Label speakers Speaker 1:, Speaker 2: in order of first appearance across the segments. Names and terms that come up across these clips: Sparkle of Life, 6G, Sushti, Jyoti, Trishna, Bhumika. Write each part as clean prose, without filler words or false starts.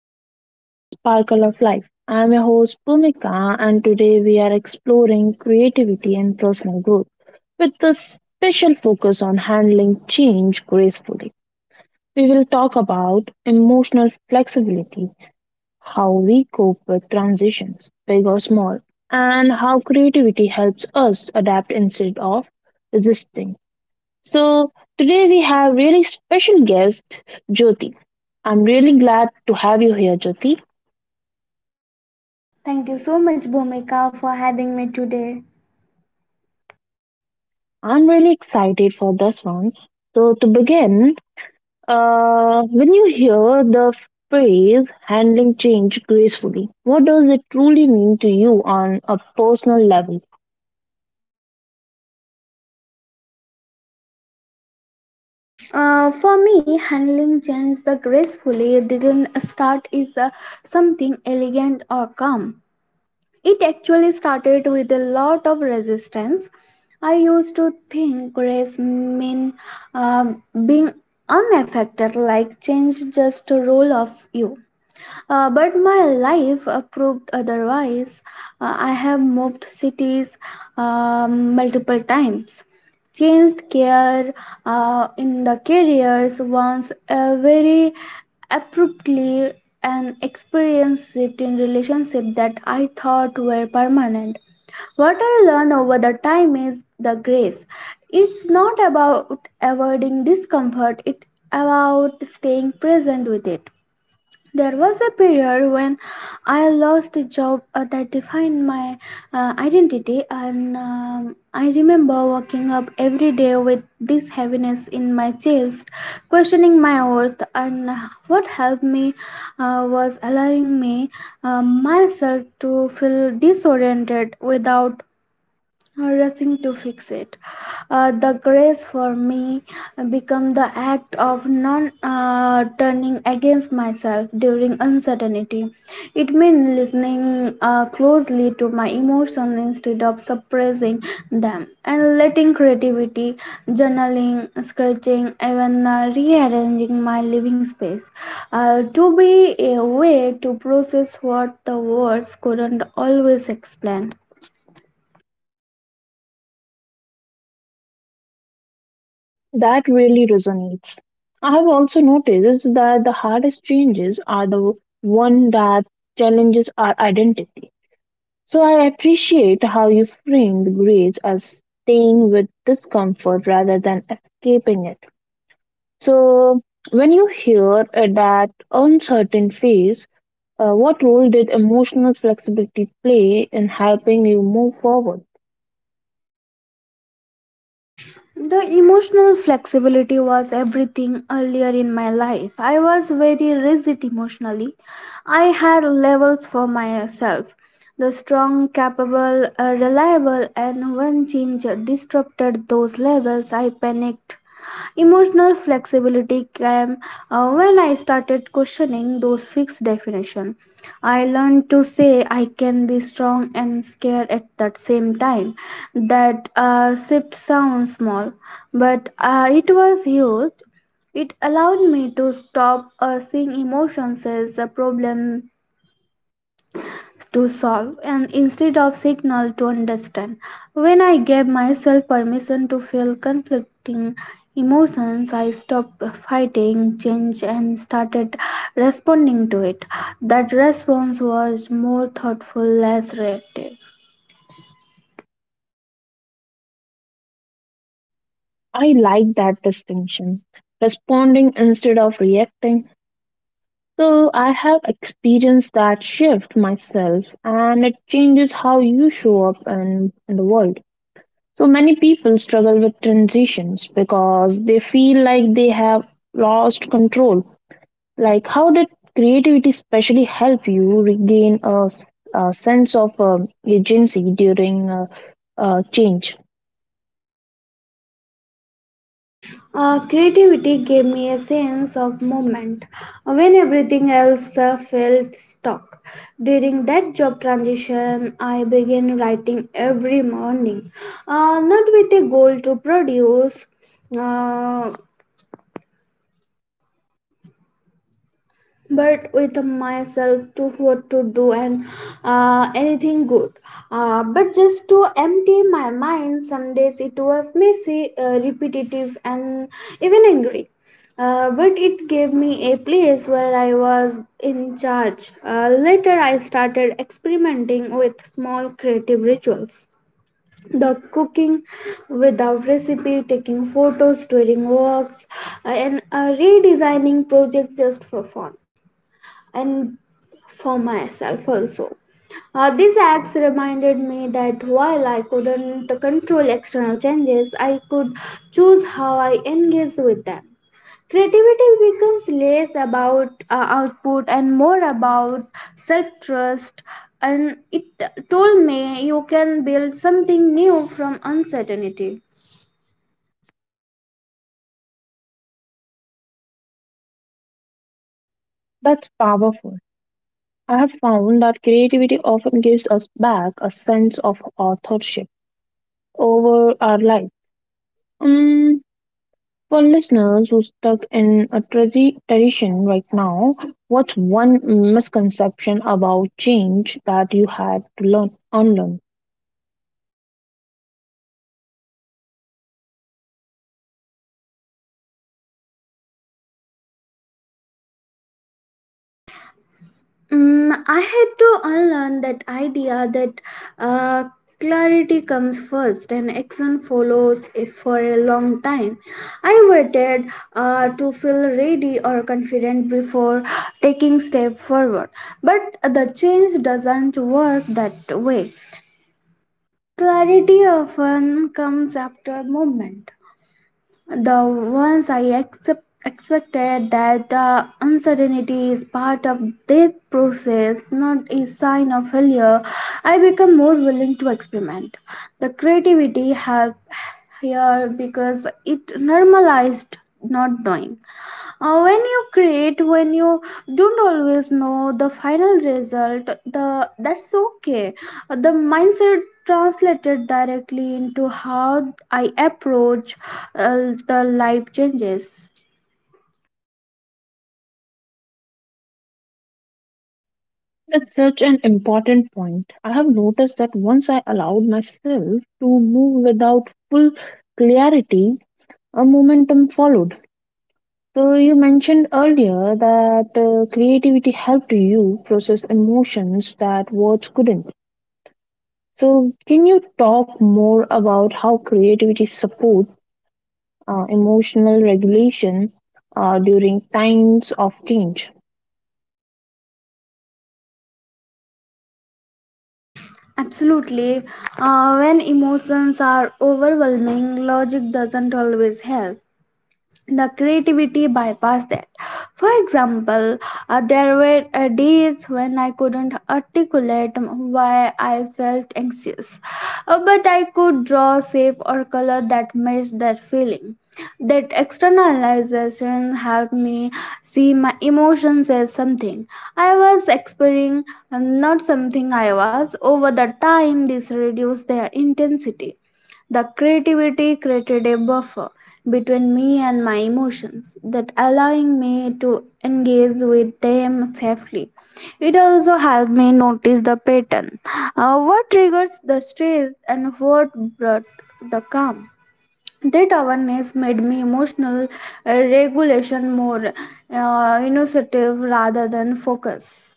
Speaker 1: to our podcast Sparkle of Life. I am your host Bhumika, and today we are exploring creativity and personal growth with a special focus on handling change gracefully. We will talk about emotional flexibility, how we cope with transitions, big or small, and how creativity helps us adapt instead of resisting. So today we have really special guest Jyoti. I'm really glad to have you here, Jyoti.
Speaker 2: Thank you so much, Bhumika, for having me today.
Speaker 1: I'm really excited for this one. So to begin, when you hear the phrase "handling change gracefully," what does it truly mean to you on a personal level?
Speaker 2: For me, handling change the gracefully didn't start is something elegant or calm. It actually started with a lot of resistance. I used to think grace mean uh, being unaffected, like change just roll off you. But my life proved otherwise. I have moved cities multiple times, changed care in the careers once very abruptly, and experienced shift in relationship that I thought were permanent. What I learned over the time is the grace. It's not about avoiding discomfort, it's about staying present with it. There was a period when I lost a job that defined my identity, and I remember waking up every day with this heaviness in my chest, questioning my worth. And what helped me was allowing me myself to feel disoriented without rushing to fix it. The grace for me become the act of non turning against myself during uncertainty. It means listening closely to my emotions instead of suppressing them and letting creativity, journaling, sketching, even rearranging my living space to be a way to process what the words couldn't always explain.
Speaker 1: That really resonates. I have also noticed that the hardest changes are the one that challenges our identity. So I appreciate how you framed grace as staying with discomfort rather than escaping it. So when you hear that uncertain phase, what role did emotional flexibility play in helping you move forward?
Speaker 2: The emotional flexibility was everything earlier in my life. I was very rigid emotionally. I had levels for myself. The strong, capable, reliable, and when change disrupted those levels, I panicked. Emotional flexibility came when I started questioning those fixed definitions. I learned to say I can be strong and scared at that same time. That shift sounds small, but it was huge. It allowed me to stop seeing emotions as a problem to solve and instead of signal to understand when I gave myself permission to feel conflicting emotions, I stopped fighting change and started responding to it. That response was more thoughtful, less reactive.
Speaker 1: I like that distinction. Responding instead of reacting. So I have experienced that shift myself, and it changes how you show up in the world. So many people struggle with transitions because they feel like they have lost control. Like, how did creativity especially help you regain a sense of agency during change?
Speaker 2: Creativity gave me a sense of movement when everything else felt stuck. During that job transition, I began writing every morning, not with a goal to produce. uh, but with myself to what to do and anything good, but just to empty my mind. Some days it was messy, repetitive and even angry, but it gave me a place where I was in charge. Later, I started experimenting with small creative rituals. The cooking without recipe, taking photos during walks, and redesigning projects just for fun and for myself also. These acts reminded me that while I couldn't control external changes, I could choose how I engage with them. Creativity becomes less about output and more about self trust, and it told me you can build something new from uncertainty.
Speaker 1: That's powerful. I have found that creativity often gives us back a sense of authorship over our life. Um, For listeners who stuck in a tradition right now, what's one misconception about change that you had to learn unlearn?
Speaker 2: I had to unlearn that idea that uh, clarity comes first and action follows if for a long time. I waited to feel ready or confident before taking step forward. But the change doesn't work that way. Clarity often comes after movement. The ones I accept, expected that uncertainty is part of this process, not a sign of failure, I become more willing to experiment. The creativity helped here because it normalized not knowing. When you create, when you don't always know the final result, the that's okay. The mindset translated directly into how I approach the life changes.
Speaker 1: That's such an important point. I have noticed that once I allowed myself to move without full clarity, a momentum followed. So you mentioned earlier that creativity helped you process emotions that words couldn't. So, can you talk more about how creativity supports emotional regulation during times of change.
Speaker 2: Absolutely. When emotions are overwhelming, logic doesn't always help. The creativity bypassed that. For example, there were days when I couldn't articulate why I felt anxious, but I could draw shape or color that matched that feeling. That externalization helped me see my emotions as something I was experiencing and not something I was. Over the time this reduced their intensity. The creativity created a buffer between me and my emotions, that allowing me to engage with them safely. It also helped me notice the pattern, what triggers the stress and what brought the calm. That awareness made me emotional regulation more initiative rather than focus.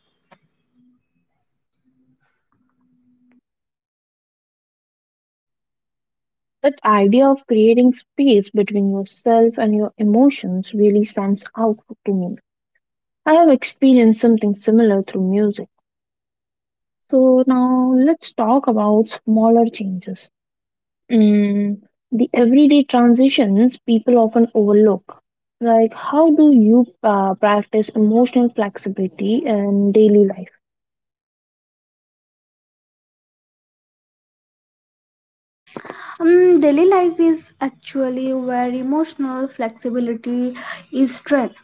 Speaker 1: That idea of creating space between yourself and your emotions really stands out to me. I have experienced something similar through music. So now let's talk about smaller changes. Mm, the everyday transitions people often overlook. Like, how do you practice emotional flexibility in daily life?
Speaker 2: Daily life is actually where emotional flexibility is strength.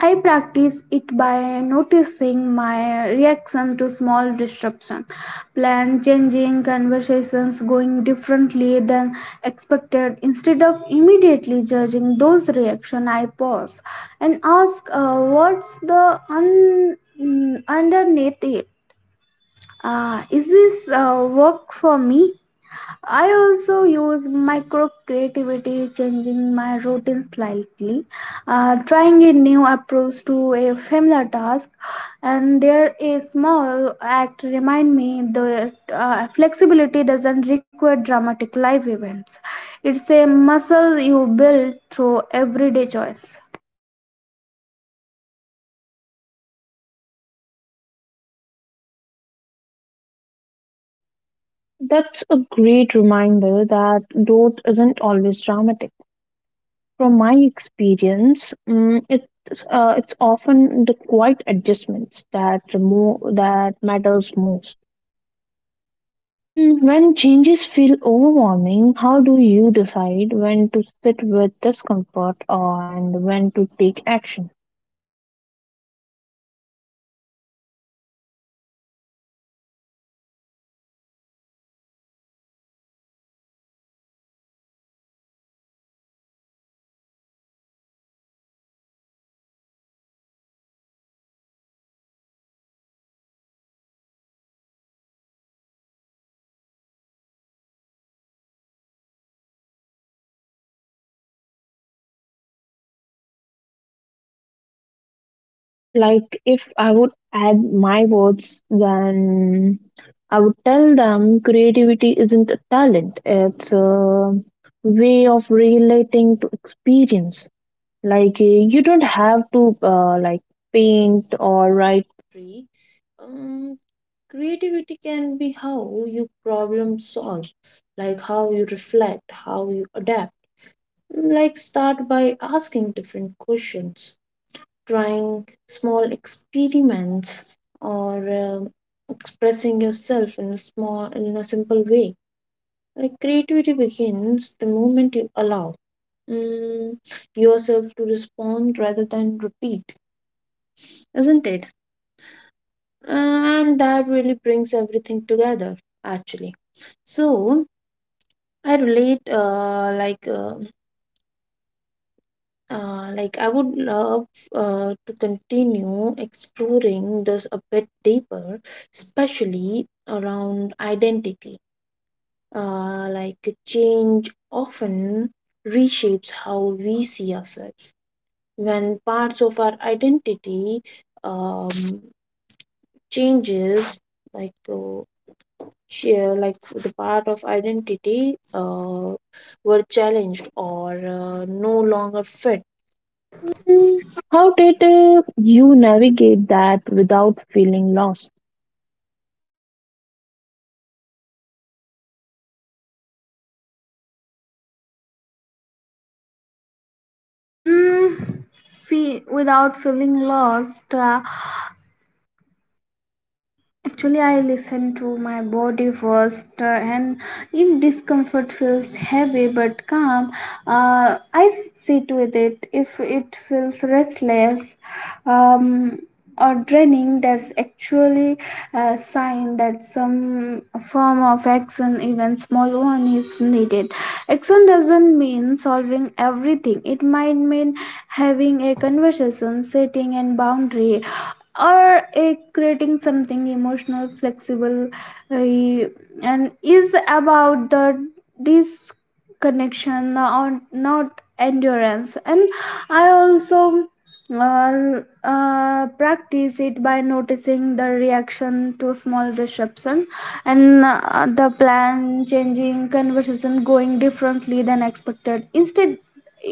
Speaker 2: I practice it by noticing my reaction to small disruption, plan changing, conversations going differently than expected. Instead of immediately judging those reactions, I pause and ask, "What's the underneath it? Is this work for me?" I also use micro creativity, changing my routine slightly, trying a new approach to a familiar task, and there a small act remind me the flexibility doesn't require dramatic life events. It's a muscle you build through everyday choice.
Speaker 1: That's a great reminder that growth isn't always dramatic. From my experience, it's often the quiet adjustments that that matters most. Mm, when changes feel overwhelming, how do you decide when to sit with discomfort and when to take action? Like, if I would add my words, then I would tell them creativity isn't a talent, it's a way of relating to experience. Like, you don't have to, like, paint or write poetry. Um, Creativity can be how you problem solve, like how you reflect, how you adapt. Like, start by asking different questions, trying small experiments, or um, expressing yourself in a simple way. Like, creativity begins the moment you allow, mm, yourself to respond rather than repeat, isn't it? And that really brings everything together, actually. So I relate, like I would love to continue exploring this a bit deeper, especially around identity. Like, change often reshapes how we see ourselves. When parts of our identity um, changes, like, share, like the part of identity were challenged or no longer fit. Mm, how did you navigate that without feeling lost?
Speaker 2: Mm, Without feeling lost. Actually, I listen to my body first, and if discomfort feels heavy but calm, I sit with it. If it feels restless um, or draining, that's actually a sign that some form of action, even small one, is needed. Action doesn't mean solving everything, it might mean having a conversation, setting a boundary or a creating something emotional flexible, uh, and is about the disconnection or not endurance. And I also practice it by noticing the reaction to small disruption and the plan changing conversation going differently than expected instead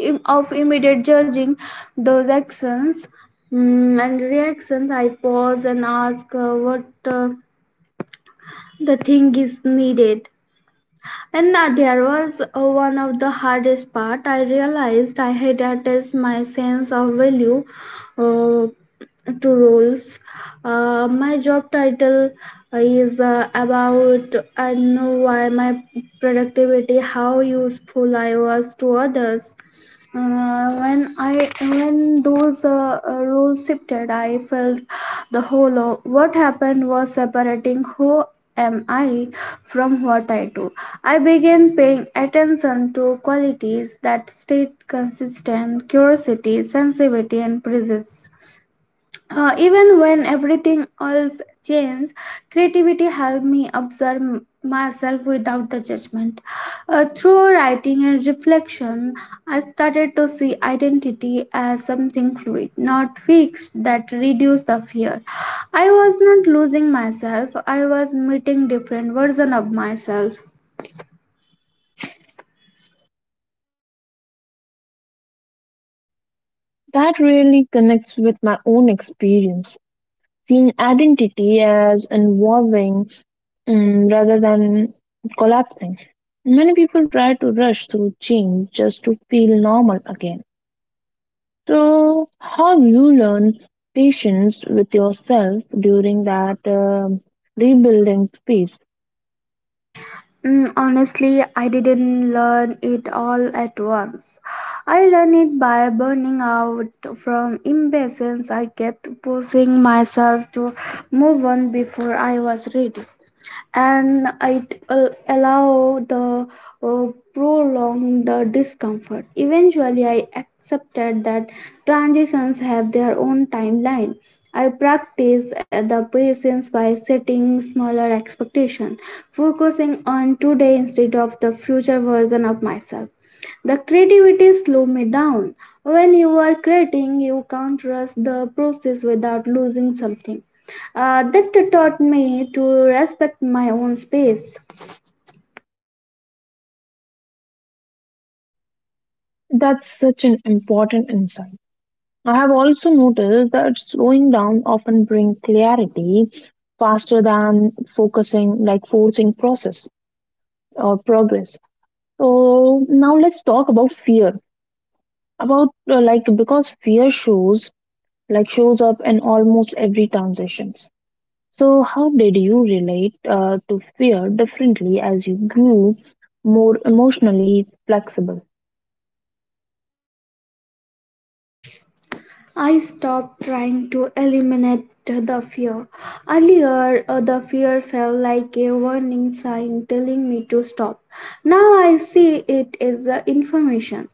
Speaker 2: of immediate judging those actions and reactions, I pause and ask what the thing is needed. And there was one of the hardest part. I realized I had attached my sense of value uh, to roles. My job title is about I know why my productivity, how useful I was to others, when I when those roles shifted, I felt the hollow. What happened was separating who am I from what I do. I began paying attention to qualities that stayed consistent: curiosity, sensitivity, and presence. Even when everything else changes, creativity helped me observe myself without the judgment. Through writing and reflection, I started to see identity as something fluid, not fixed, that reduced the fear. I was not losing myself, I was meeting different versions of myself.
Speaker 1: That really connects with my own experience, seeing identity as evolving rather than collapsing. Many people try to rush through change just to feel normal again. So, how you learn patience with yourself during that rebuilding phase?
Speaker 2: Honestly, I didn't learn it all at once. I learned it by burning out from impatience. I kept pushing myself to move on before I was ready and it will allow the uh, prolong the discomfort. Eventually I accepted that transitions have their own timeline. I practice the patience by setting smaller expectations, focusing on today instead of the future version of myself. The creativity slow me down. When you are creating you can't rush the process without losing something, that taught me to respect my own space.
Speaker 1: That's such an important insight. I have also noticed that slowing down often brings clarity faster than focusing, like forcing process or progress. So now let's talk about fear. About like, because fear shows up in almost every transitions. So how did you relate to fear differently as you grew more emotionally flexible?
Speaker 2: I stopped trying to eliminate the fear. Earlier, the fear felt like a warning sign telling me to stop. Now I see it as information.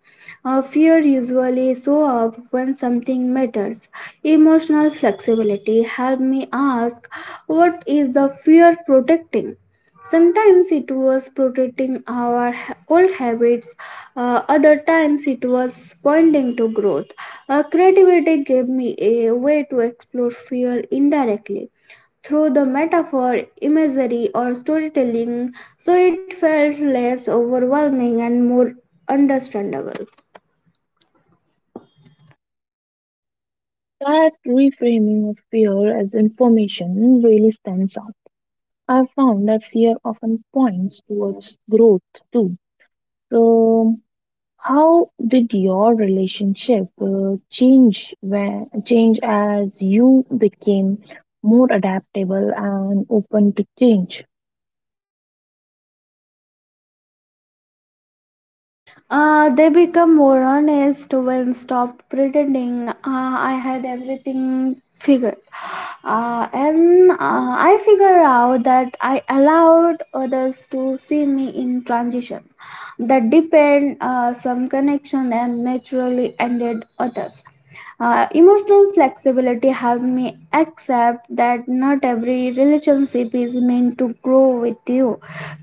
Speaker 2: Fear usually shows up when something matters. Emotional flexibility helped me ask, what is the fear protecting? Sometimes it was protecting our old habits, other times it was pointing to growth. Creativity gave me a way to explore fear indirectly through the metaphor, imagery, or storytelling, so it felt less overwhelming and more understandable.
Speaker 1: That reframing of fear as information really stands out. I've found that fear often points towards growth too. So, how did your relationship change as you became more adaptable and open to change?
Speaker 2: They become more honest when stop pretending I had everything figured. And I figure out that I allowed others to see me in transition, that depend some connection and naturally ended others. Emotional flexibility helped me accept that not every relationship is meant to grow with you.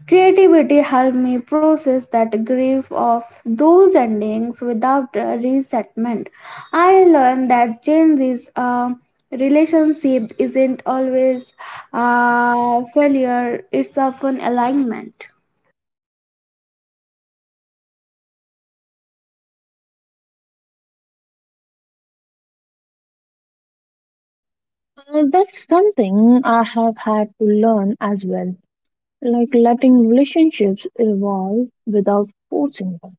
Speaker 2: Creativity helped me process that grief of those endings without resentment. I learned that change is a relationship isn't always a failure, it's often alignment.
Speaker 1: That's something I have had to learn as well, like letting relationships evolve without forcing them.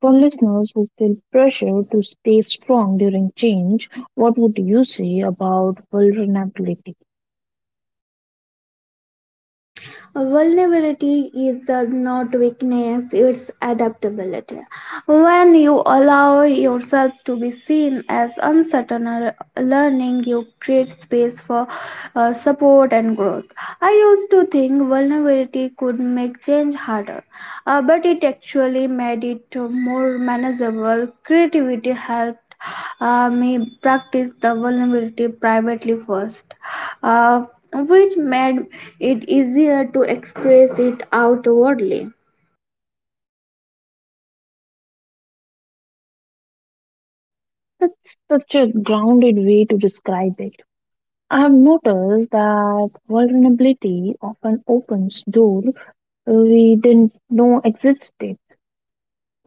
Speaker 1: For listeners who feel pressure to stay strong during change, what would you say about vulnerability?
Speaker 2: Vulnerability is not weakness, it's adaptability. When you allow yourself to be seen as uncertain or learning, you create space for support and growth. I used to think vulnerability could make change harder, but it actually made it more manageable. Creativity helped me practice the vulnerability privately first, uh, which made it easier to express it outwardly.
Speaker 1: That's such a grounded way to describe it. I have noticed that vulnerability often opens doors we didn't know existed.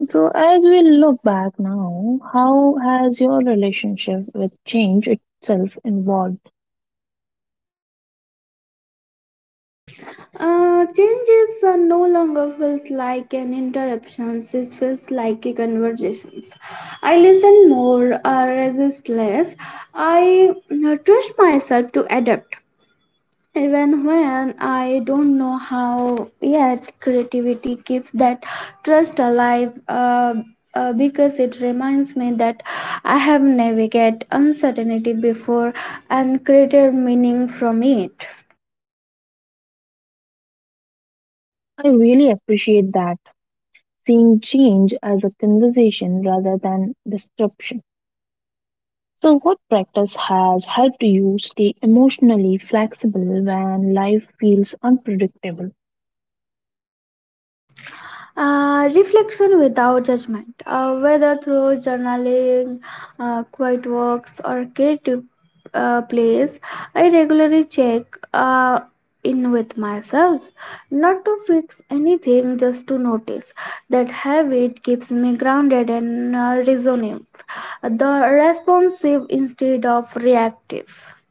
Speaker 1: So, as we look back now, how has your relationship with change itself evolved?
Speaker 2: Change is no longer feels like an interruption. It feels like a conversation. I listen more, resist less. I trust myself to adapt. Even when I don't know how yet, creativity keeps that trust alive, because it reminds me that I have navigated uncertainty before and created meaning from it.
Speaker 1: I really appreciate that, seeing change as a conversation rather than disruption. So, what practice has helped you stay emotionally flexible when life feels unpredictable?
Speaker 2: Reflection without judgment, whether through journaling, quiet walks, or creative plays, I regularly check uh, in with myself. Not to fix anything, just to notice. That habit keeps me grounded and resolute, the responsive instead of reactive.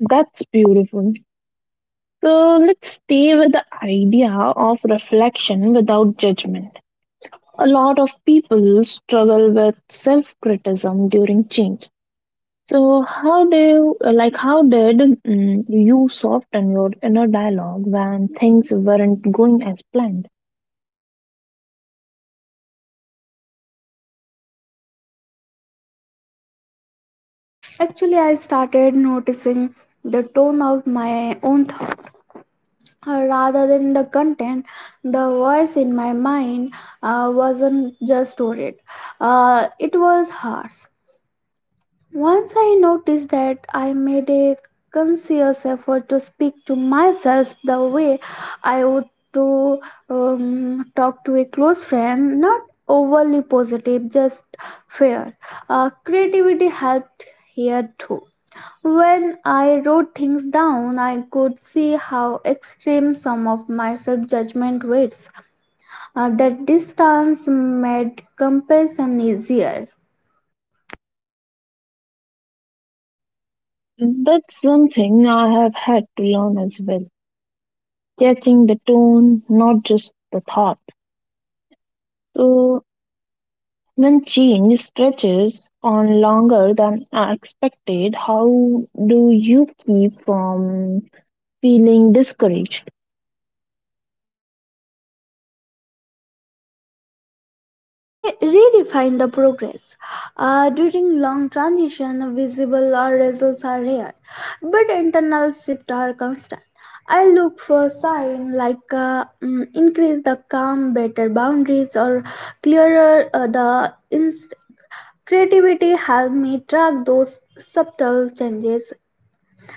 Speaker 1: That's beautiful. So let's stay with the idea of reflection without judgment. A lot of people struggle with self-criticism during change. So how do you, like, how did, you soften your inner dialogue when things weren't going as planned?
Speaker 2: Actually, I started noticing the tone of my own thoughts rather than the content. The voice in my mind wasn't just worried, it was hers. Once I noticed that, I made a conscious effort to speak to myself the way I would to talk to a close friend, not overly positive, just fair. Creativity helped here too. When I wrote things down, I could see how extreme some of my self judgment was. That distance made comparison easier.
Speaker 1: That's something I have had to learn as well. Catching the tone, not just the thought. So when change stretches on longer than expected, how do you keep from feeling discouraged?
Speaker 2: I redefined the progress. During long transition, visible results are rare, but internal shifts are constant. I look for signs like increase the calm, better boundaries, or clearer Creativity helped me track those subtle changes,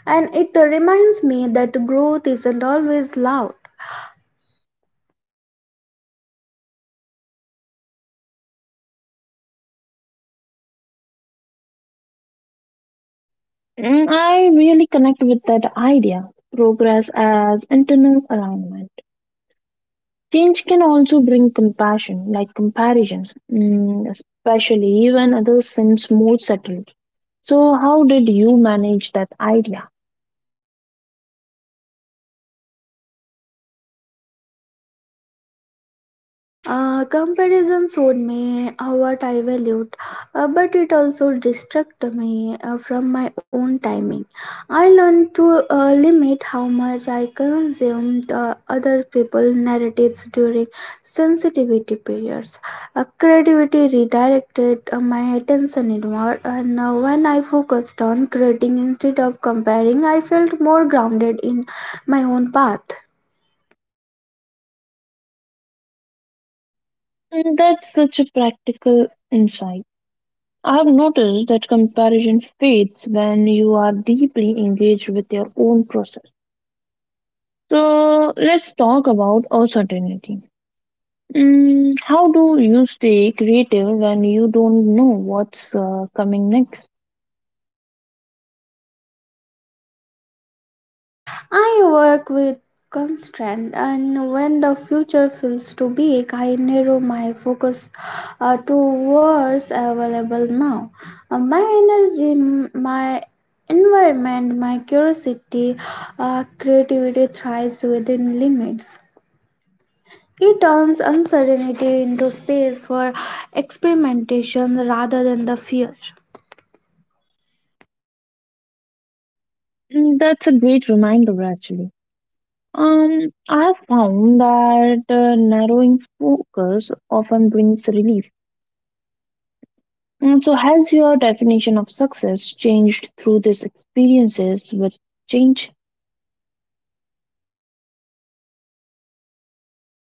Speaker 2: and it reminds me that growth isn't always loud.
Speaker 1: Mm, I really connect with that idea, progress as internal alignment. Change can also bring compassion, like comparisons, mm, especially when others seem more settled. So, how did you manage that idea?
Speaker 2: Comparison showed me how what I valued, but it also distracted me from my own timing. I learned to limit how much I consumed other people's narratives during sensitivity periods. Creativity redirected my attention inward, and when I focused on creating instead of comparing, I felt more grounded in my own path.
Speaker 1: Mm, that's such a practical insight. I have noticed that comparison fades when you are deeply engaged with your own process. So let's talk about uncertainty. Mm, how do you stay creative when you don't know what's coming next?
Speaker 2: I work with constraint, and when the future feels too big, I narrow my focus to what's available now. My energy, my environment, my curiosity, creativity thrives within limits. It turns uncertainty into space for experimentation rather than the fear.
Speaker 1: Mm, that's a great reminder, actually. I have found that narrowing focus often brings relief. Mm, so, has your definition of success changed through these experiences with change?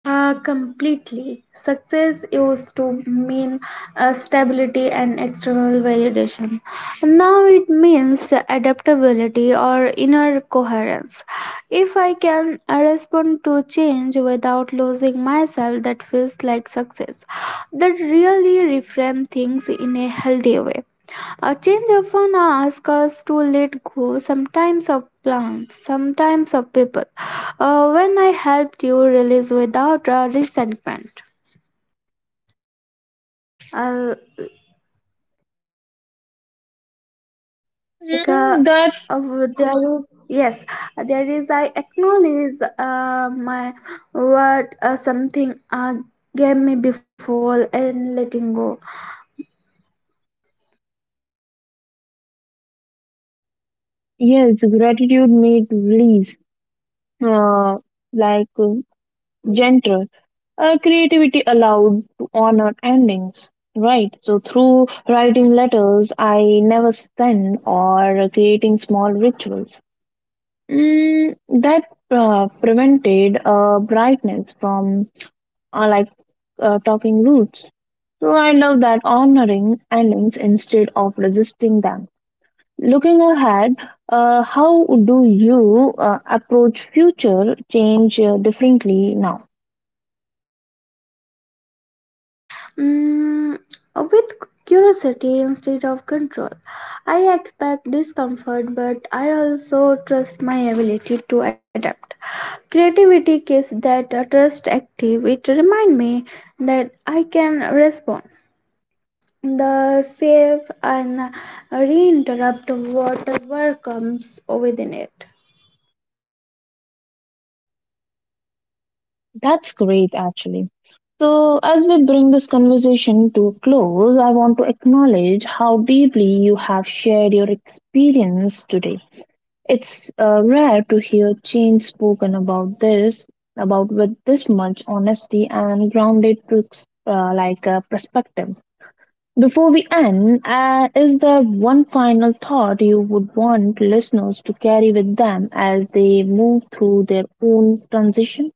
Speaker 2: Completely. Success used to mean stability and external validation. Now it means adaptability or inner coherence. If I can respond to change without losing myself, that feels like success. That really reframe things in a healthy way. A change often asks us to let go, sometimes of plans, sometimes of people. When I helped you release without resentment, uh, like
Speaker 1: Mm,
Speaker 2: uh,
Speaker 1: that.
Speaker 2: of there is yes, there is I acknowledge my what something gave me before and letting go.
Speaker 1: Yes, gratitude made release, uh, like uh, gentle, creativity allowed to honor endings, right? So through writing letters I never sent or creating small rituals, mm, that prevented brightness from, uh, like talking roots. So I love that, honoring endings instead of resisting them. Looking ahead, how do you approach future change differently now?
Speaker 2: Mm, with curiosity instead of control. I expect discomfort, but I also trust my ability to adapt. Creativity keeps that trust active. It reminds me that I can respond. The safe and reinterrupt whatever comes within it.
Speaker 1: That's great, actually. So, as we bring this conversation to a close, I want to acknowledge how deeply you have shared your experience today. It's rare to hear change spoken about this, about with this much honesty and grounded, perspective. Before we end, is there one final thought you would want listeners to carry with them as they move through their own transition?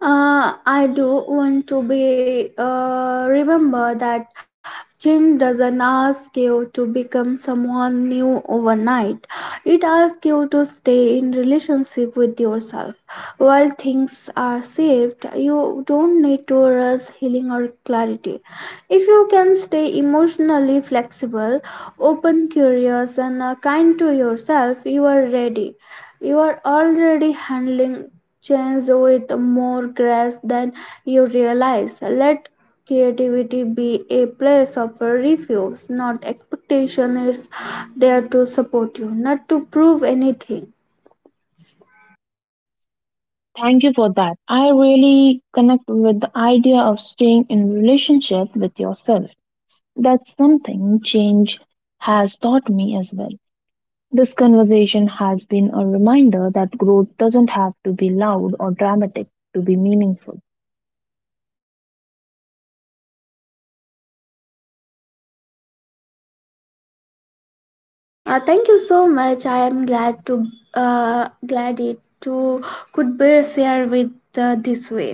Speaker 2: I do want to be remember that change doesn't ask you to become someone new overnight. It asks you to stay in relationship with yourself. While things are saved, you don't need to rush healing or clarity. If you can stay emotionally flexible, open, curious, and kind to yourself, you are ready. You are already handling change with more grace than you realize. Let creativity be a place of refuge, not expectation. It's there to support you, not to prove anything.
Speaker 1: Thank you for that. I really connect with the idea of staying in relationship with yourself. That's something change has taught me as well. This conversation has been a reminder that growth doesn't have to be loud or dramatic to be meaningful.
Speaker 2: Thank you so much. I am glad to glad it to could be shared with this way.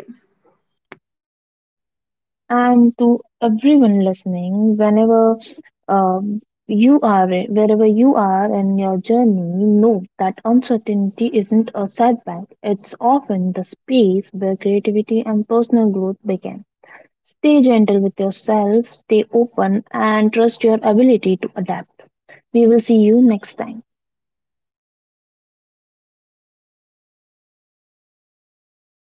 Speaker 1: And to everyone listening, whenever um, you are, wherever you are in your journey, know that uncertainty isn't a setback. It's often the space where creativity and personal growth begin. Stay gentle with yourself, stay open, and trust your ability to adapt. We will see you next time.